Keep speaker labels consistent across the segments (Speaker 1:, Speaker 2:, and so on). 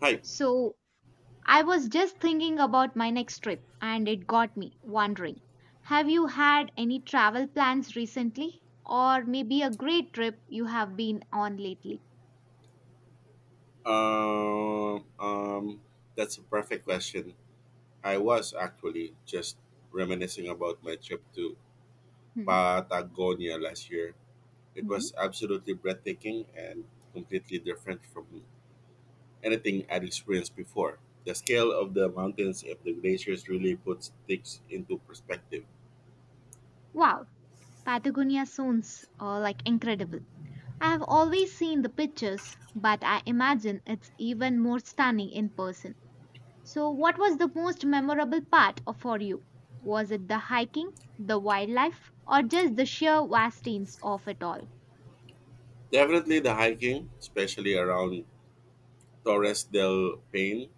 Speaker 1: Hi.
Speaker 2: So, I was just thinking about my next trip and it got me wondering, have you had any travel plans recently? Or maybe a great trip you have been on lately?
Speaker 1: Um, um, that's a perfect question. I was actually just reminiscing about my trip to
Speaker 2: Hmm?
Speaker 1: Patagonia last year. It
Speaker 2: Hmm?
Speaker 1: was absolutely breathtaking and completely different from anything I'd experienced before. The scale of the mountains and the glaciers really puts things into perspective.
Speaker 2: Wow, Patagonia sounds like incredible. I have always seen the pictures, but I imagine it's even more stunning in person. So, what was the most memorable for you? Was it the hiking, the wildlife, or just the sheer vastness of it all?
Speaker 1: Definitely the hiking, especially around Torres del Paine.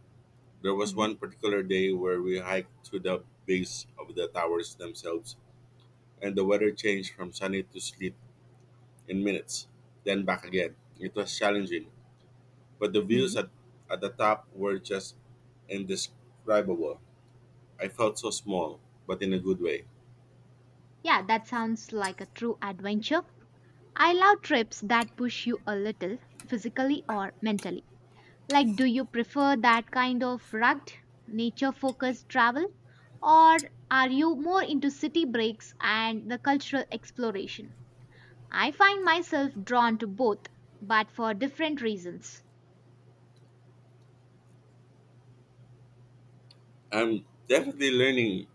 Speaker 1: There was
Speaker 2: Hmm.
Speaker 1: one particular day where we hiked to the base of the towers themselves and the weather changed from sunny to sleet in minutes, then back again. It was challenging, but the
Speaker 2: Hmm.
Speaker 1: views at the top were just indescribable. I felt so small, but in a good way.
Speaker 2: Yeah, that sounds like a true adventure. I love trips that push you a little, physically or mentally. Like, do you prefer that kind of rugged, nature focused travel? Or are you more into city breaks and the cultural exploration? I find myself drawn to both, but for different reasons.
Speaker 1: I'm definitely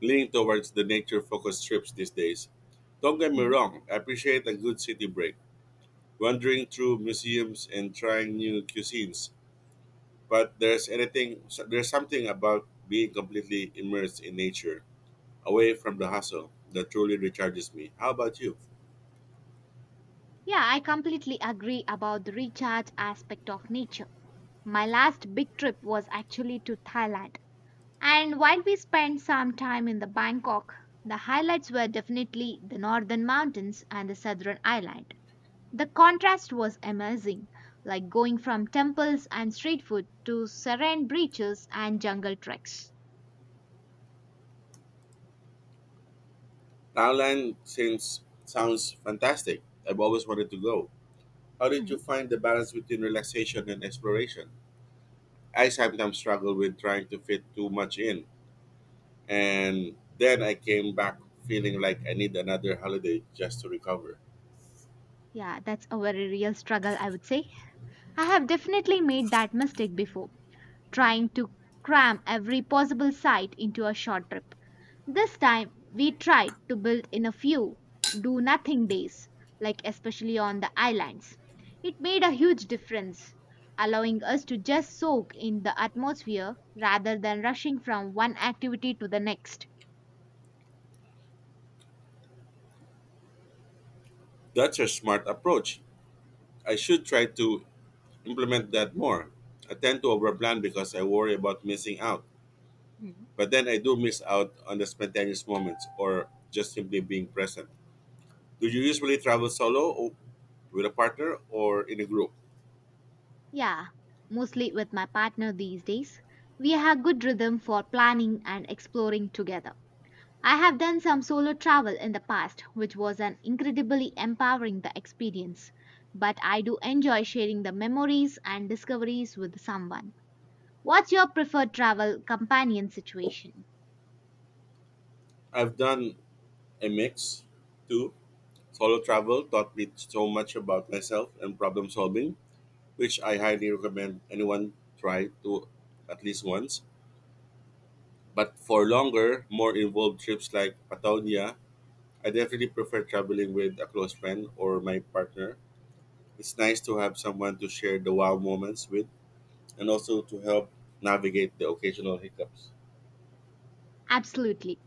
Speaker 1: leaning towards the nature focused trips these days. Don't get me
Speaker 2: Hmm.
Speaker 1: wrong, I appreciate a good city break, wandering through museums and trying new cuisines. But there's something about being completely immersed in nature away from the hustle that truly recharges me. How about you?
Speaker 2: Yeah, I completely agree about the recharge aspect of nature. My last big trip was actually to Thailand. And while we spent some time in the Bangkok, the highlights were definitely the northern mountains and the southern island. The contrast was amazing, like going from temples and street food to serene beaches and jungle treks.
Speaker 1: Thailand seems sounds fantastic. I've always wanted to go. How did
Speaker 2: Hmm.
Speaker 1: you find the balance between relaxation and exploration? I sometimes struggle with trying to fit too much in, and then I came back feeling like I need another holiday just to recover.
Speaker 2: Yeah, that's a very real struggle, I would say. I have definitely made that mistake before, trying to cram every possible sight into a short trip. This time we tried to build in a few do nothing days, like especially on the islands. It made a huge difference, allowing us to just soak in the atmosphere rather than rushing from one activity to the next.
Speaker 1: That's a smart approach. I should try to implement that more. I tend to overplan because I worry about missing out.
Speaker 2: Hmm.
Speaker 1: But then I do miss out on the spontaneous moments or just simply being present. Do you usually travel solo or with a partner or in a group?
Speaker 2: Yeah, mostly with my partner these days. We have good rhythm for planning and exploring together. I have done some solo travel in the past, which was an incredibly empowering the experience, but I do enjoy sharing the memories and discoveries with someone. What's your preferred travel companion situation?
Speaker 1: I've done a mix too. Solo travel taught me so much about myself and problem solving, which I highly recommend anyone try to at least once. But for longer, more involved trips like Patagonia, I definitely prefer traveling with a close friend or my partner. It's nice to have someone to share the wow moments with and also to help navigate the occasional hiccups.
Speaker 2: Absolutely.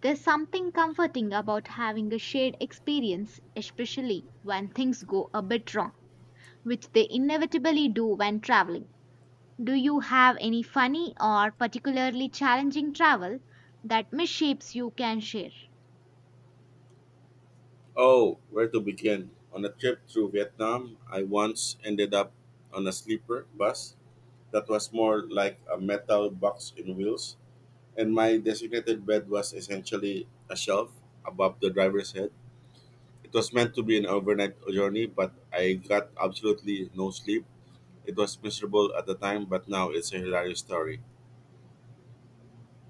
Speaker 2: There's something comforting about having a shared experience, especially when things go a bit wrong, which they inevitably do when traveling. Do you have any funny or particularly challenging travel that misshapes you can share?
Speaker 1: Oh, where to begin? On a trip through Vietnam, I once ended up on a sleeper bus that was more like a metal box in wheels, and my designated bed was essentially a shelf above the driver's head. It was meant to be an overnight journey, but I got absolutely no sleep. It was miserable at the time, but now it's a hilarious story.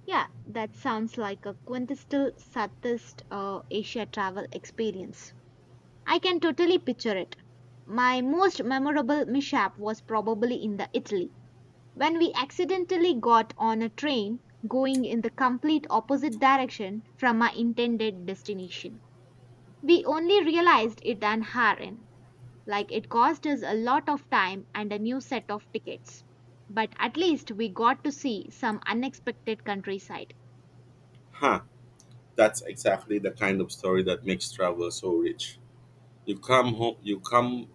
Speaker 2: Yeah, that sounds like a quintessential Southeast Asia travel experience. I can totally picture it. My most memorable mishap was probably in the Italy, when we accidentally got on a train going in the complete opposite direction from our intended destination. We only realized it an hour in, like it cost us a lot of time and a new set of tickets. But at least we got to see some unexpected countryside.
Speaker 1: Huh, that's exactly the kind of story that makes travel so rich. You come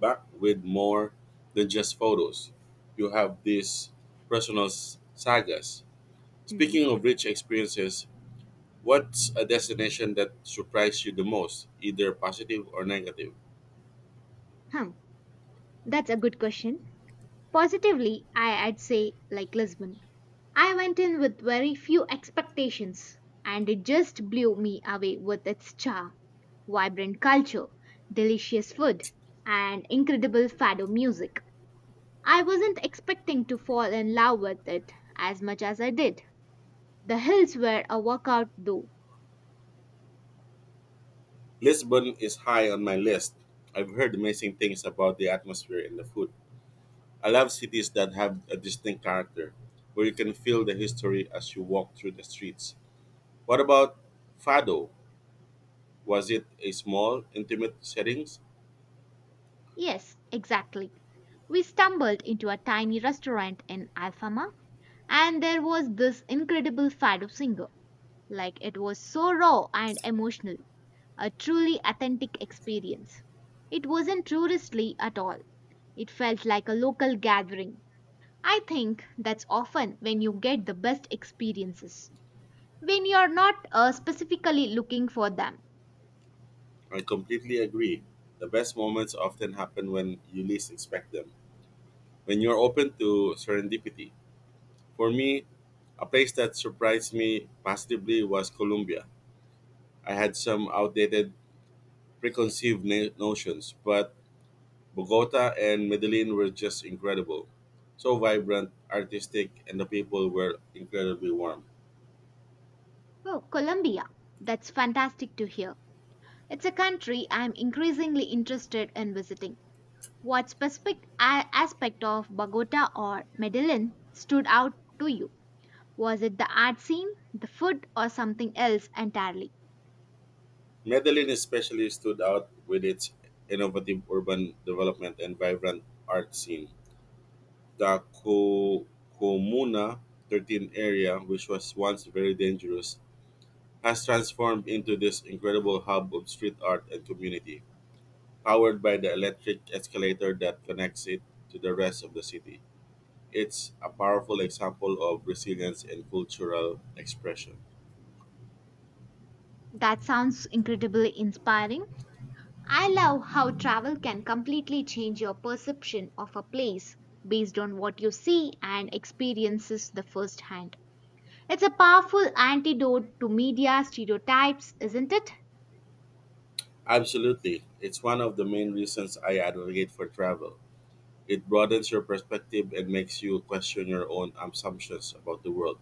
Speaker 1: back with more than just photos. You have these personal sagas.
Speaker 2: Hmm.
Speaker 1: Speaking of rich experiences, what's a destination that surprised you the most, either positive or negative?
Speaker 2: Hmm. That's a good question. Positively, I'd say like Lisbon. I went in with very few expectations and it just blew me away with its charm, vibrant culture, delicious food, and incredible fado music. I wasn't expecting to fall in love with it as much as I did. The hills were a workout though.
Speaker 1: Lisbon is high on my list. I've heard amazing things about the atmosphere and the food. I love cities that have a distinct character, where you can feel the history as you walk through the streets. What about Fado? Was it a small, intimate setting?
Speaker 2: Yes, exactly. We stumbled into a tiny restaurant in Alfama and there was this incredible fado singer. Like it was so raw and emotional, a truly authentic experience. It wasn't touristy at all. It felt like a local gathering. I think that's often when you get the best experiences, when you're not specifically looking for them.
Speaker 1: I completely agree. The best moments often happen when you least expect them, when you're open to serendipity. For me, a place that surprised me positively was Colombia. I had some outdated, preconceived notions, but Bogota and Medellin were just incredible. So vibrant, artistic, and the people were incredibly warm.
Speaker 2: Oh, Colombia. That's fantastic to hear. It's a country I'm increasingly interested in visiting. What specific aspect of Bogota or Medellin stood out to you? Was it the art scene, the food, or something else entirely?
Speaker 1: Medellin especially stood out with its innovative urban development and vibrant art scene. The Comuna 13 area, which was once very dangerous, has transformed into this incredible hub of street art and community, powered by the electric escalator that connects it to the rest of the city. It's a powerful example of resilience and cultural expression.
Speaker 2: That sounds incredibly inspiring. I love how travel can completely change your perception of a place based on what you see and experiences the first hand. It's a powerful antidote to media stereotypes, isn't it?
Speaker 1: Absolutely. It's one of the main reasons I advocate for travel. It broadens your perspective and makes you question your own assumptions about the world.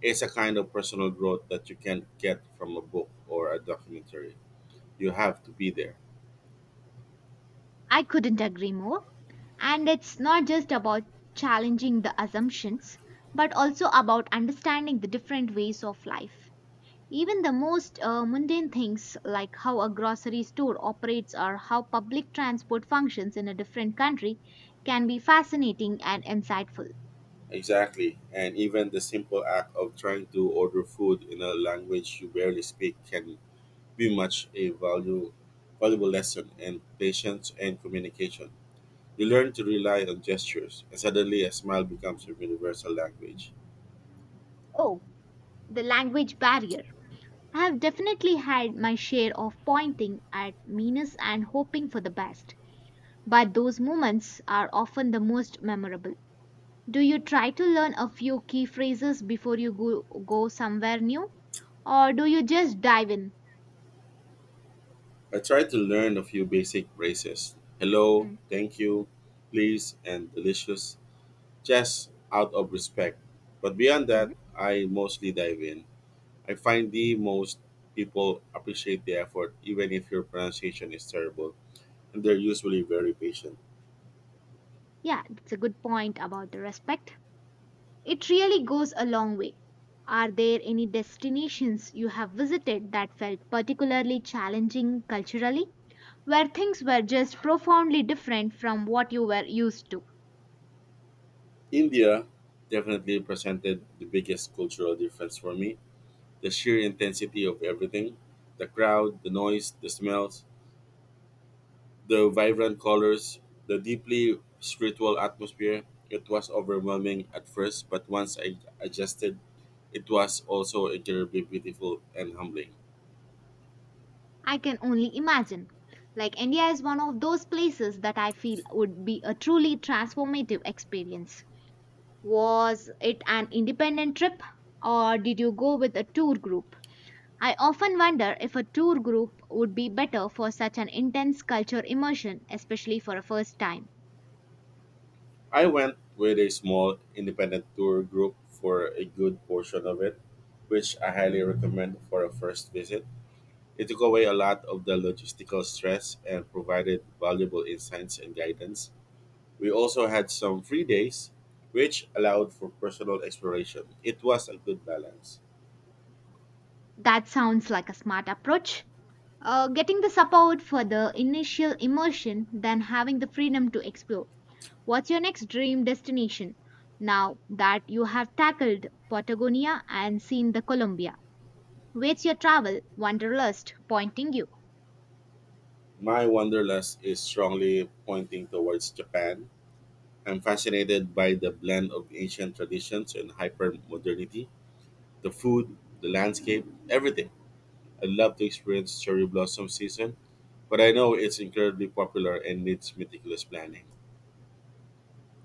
Speaker 1: It's a kind of personal growth that you can't get from a book or a documentary. You have to be there.
Speaker 2: I couldn't agree more. And it's not just about challenging the assumptions, but also about understanding the different ways of life. Even the most mundane things like how a grocery store operates or how public transport functions in a different country can be fascinating and insightful.
Speaker 1: Exactly. And even the simple act of trying to order food in a language you barely speak can be much a value, valuable lesson in patience and communication. You learn to rely on gestures, and suddenly a smile becomes your universal language.
Speaker 2: Oh, the language barrier. I have definitely had my share of pointing at meanness and hoping for the best, but those moments are often the most memorable. Do you try to learn a few key phrases before you go somewhere new, or do you just dive in?
Speaker 1: I tried to learn a few basic phrases: hello, thank you, please, and delicious, just out of respect. But beyond that,
Speaker 2: Hmm.
Speaker 1: I mostly dive in. I find the most people appreciate the effort, even if your pronunciation is terrible, and they're usually very patient.
Speaker 2: Yeah, that's a good point about the respect. It really goes a long way. Are there any destinations you have visited that felt particularly challenging culturally, where things were just profoundly different from what you were used to?
Speaker 1: India definitely presented the biggest cultural difference for me, the sheer intensity of everything, the crowd, the noise, the smells. The vibrant colors, the deeply spiritual atmosphere, it was overwhelming at first, but once I adjusted, it was also incredibly beautiful and humbling.
Speaker 2: I can only imagine. Like India is one of those places that I feel would be a truly transformative experience. Was it an independent trip or did you go with a tour group? I often wonder if a tour group would be better for such an intense culture immersion, especially for a first time.
Speaker 1: I went with a small independent tour group for a good portion of it, which I highly recommend for a first visit. It took away a lot of the logistical stress and provided valuable insights and guidance. We also had some free days, which allowed for personal exploration. It was a good balance.
Speaker 2: That sounds like a smart approach. Getting the support for the initial immersion, then having the freedom to explore. What's your next dream destination? Now that you have tackled Patagonia and seen the Colombia, where's your travel wanderlust pointing you?
Speaker 1: My wanderlust is strongly pointing towards Japan. I'm fascinated by the blend of ancient traditions and hyper modernity, the food, the landscape, everything. I'd love to experience cherry blossom season, but I know it's incredibly popular and needs meticulous planning.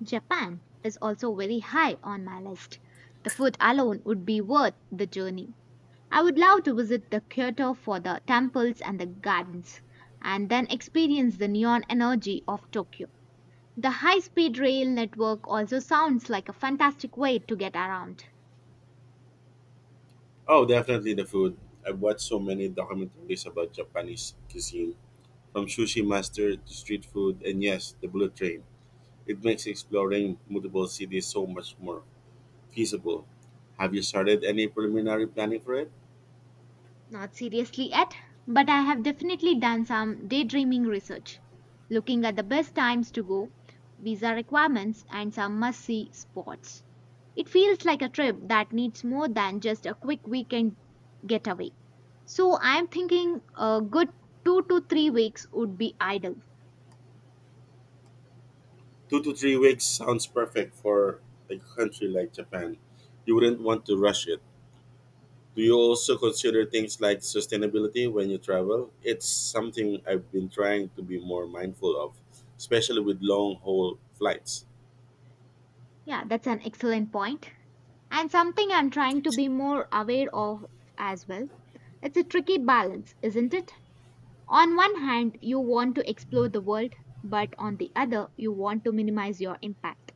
Speaker 2: Japan is also very high on my list. The food alone would be worth the journey. I would love to visit the Kyoto for the temples and the gardens, and then experience the neon energy of Tokyo. The high speed rail network also sounds like a fantastic way to get around.
Speaker 1: Oh, definitely the food. I've watched so many documentaries about Japanese cuisine, from sushi master to street food, and yes, the bullet train. It makes exploring multiple cities so much more feasible. Have you started any preliminary planning for it?
Speaker 2: Not seriously yet, but I have definitely done some daydreaming research, looking at the best times to go, visa requirements, and some must see spots. It feels like a trip that needs more than just a quick weekend getaway. So I'm thinking a good 2 to 3 weeks would be ideal.
Speaker 1: 2 to 3 weeks sounds perfect for a country like Japan. You wouldn't want to rush it. Do you also consider things like sustainability when you travel? It's something I've been trying to be more mindful of, especially with long haul flights.
Speaker 2: Yeah, that's an excellent point. And something I'm trying to be more aware of as well. It's a tricky balance, isn't it? On one hand, you want to explore the world, but on the other, you want to minimize your impact.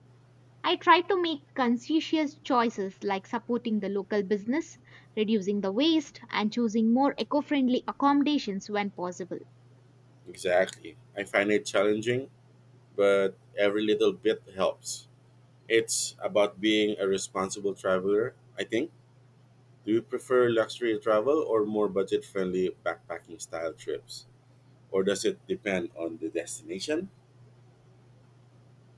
Speaker 2: I try to make conscientious choices like supporting the local business, reducing the waste, and choosing more eco friendly accommodations when possible.
Speaker 1: Exactly. I find it challenging, but every little bit helps. It's about being a responsible traveler, I think. Do you prefer luxury travel or more budget friendly backpacking style trips? Or does it depend on the destination?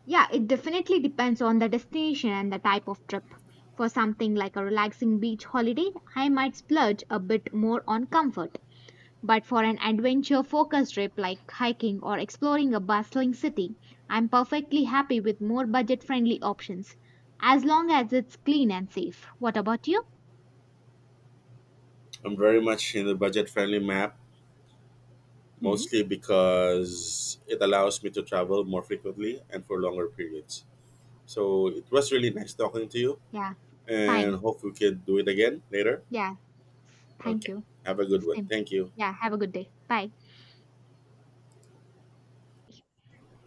Speaker 2: Yeah, it definitely depends on the destination and the type of trip. For something like a relaxing beach holiday, I might splurge a bit more on comfort. But for an adventure focused trip like hiking or exploring a bustling city, I'm perfectly happy with more budget friendly options, as long as it's clean and safe. What about you?
Speaker 1: I'm very much in the budget friendly map,
Speaker 2: Hmm?
Speaker 1: mostly because it allows me to travel more frequently and for longer periods. So it was really nice talking to you
Speaker 2: Yeah,
Speaker 1: and
Speaker 2: fine.
Speaker 1: hope we can do it again later.
Speaker 2: Yeah, thank
Speaker 1: Okay.
Speaker 2: you.
Speaker 1: Have a good one.
Speaker 2: Same.
Speaker 1: Thank you.
Speaker 2: Yeah, have a good day. Bye.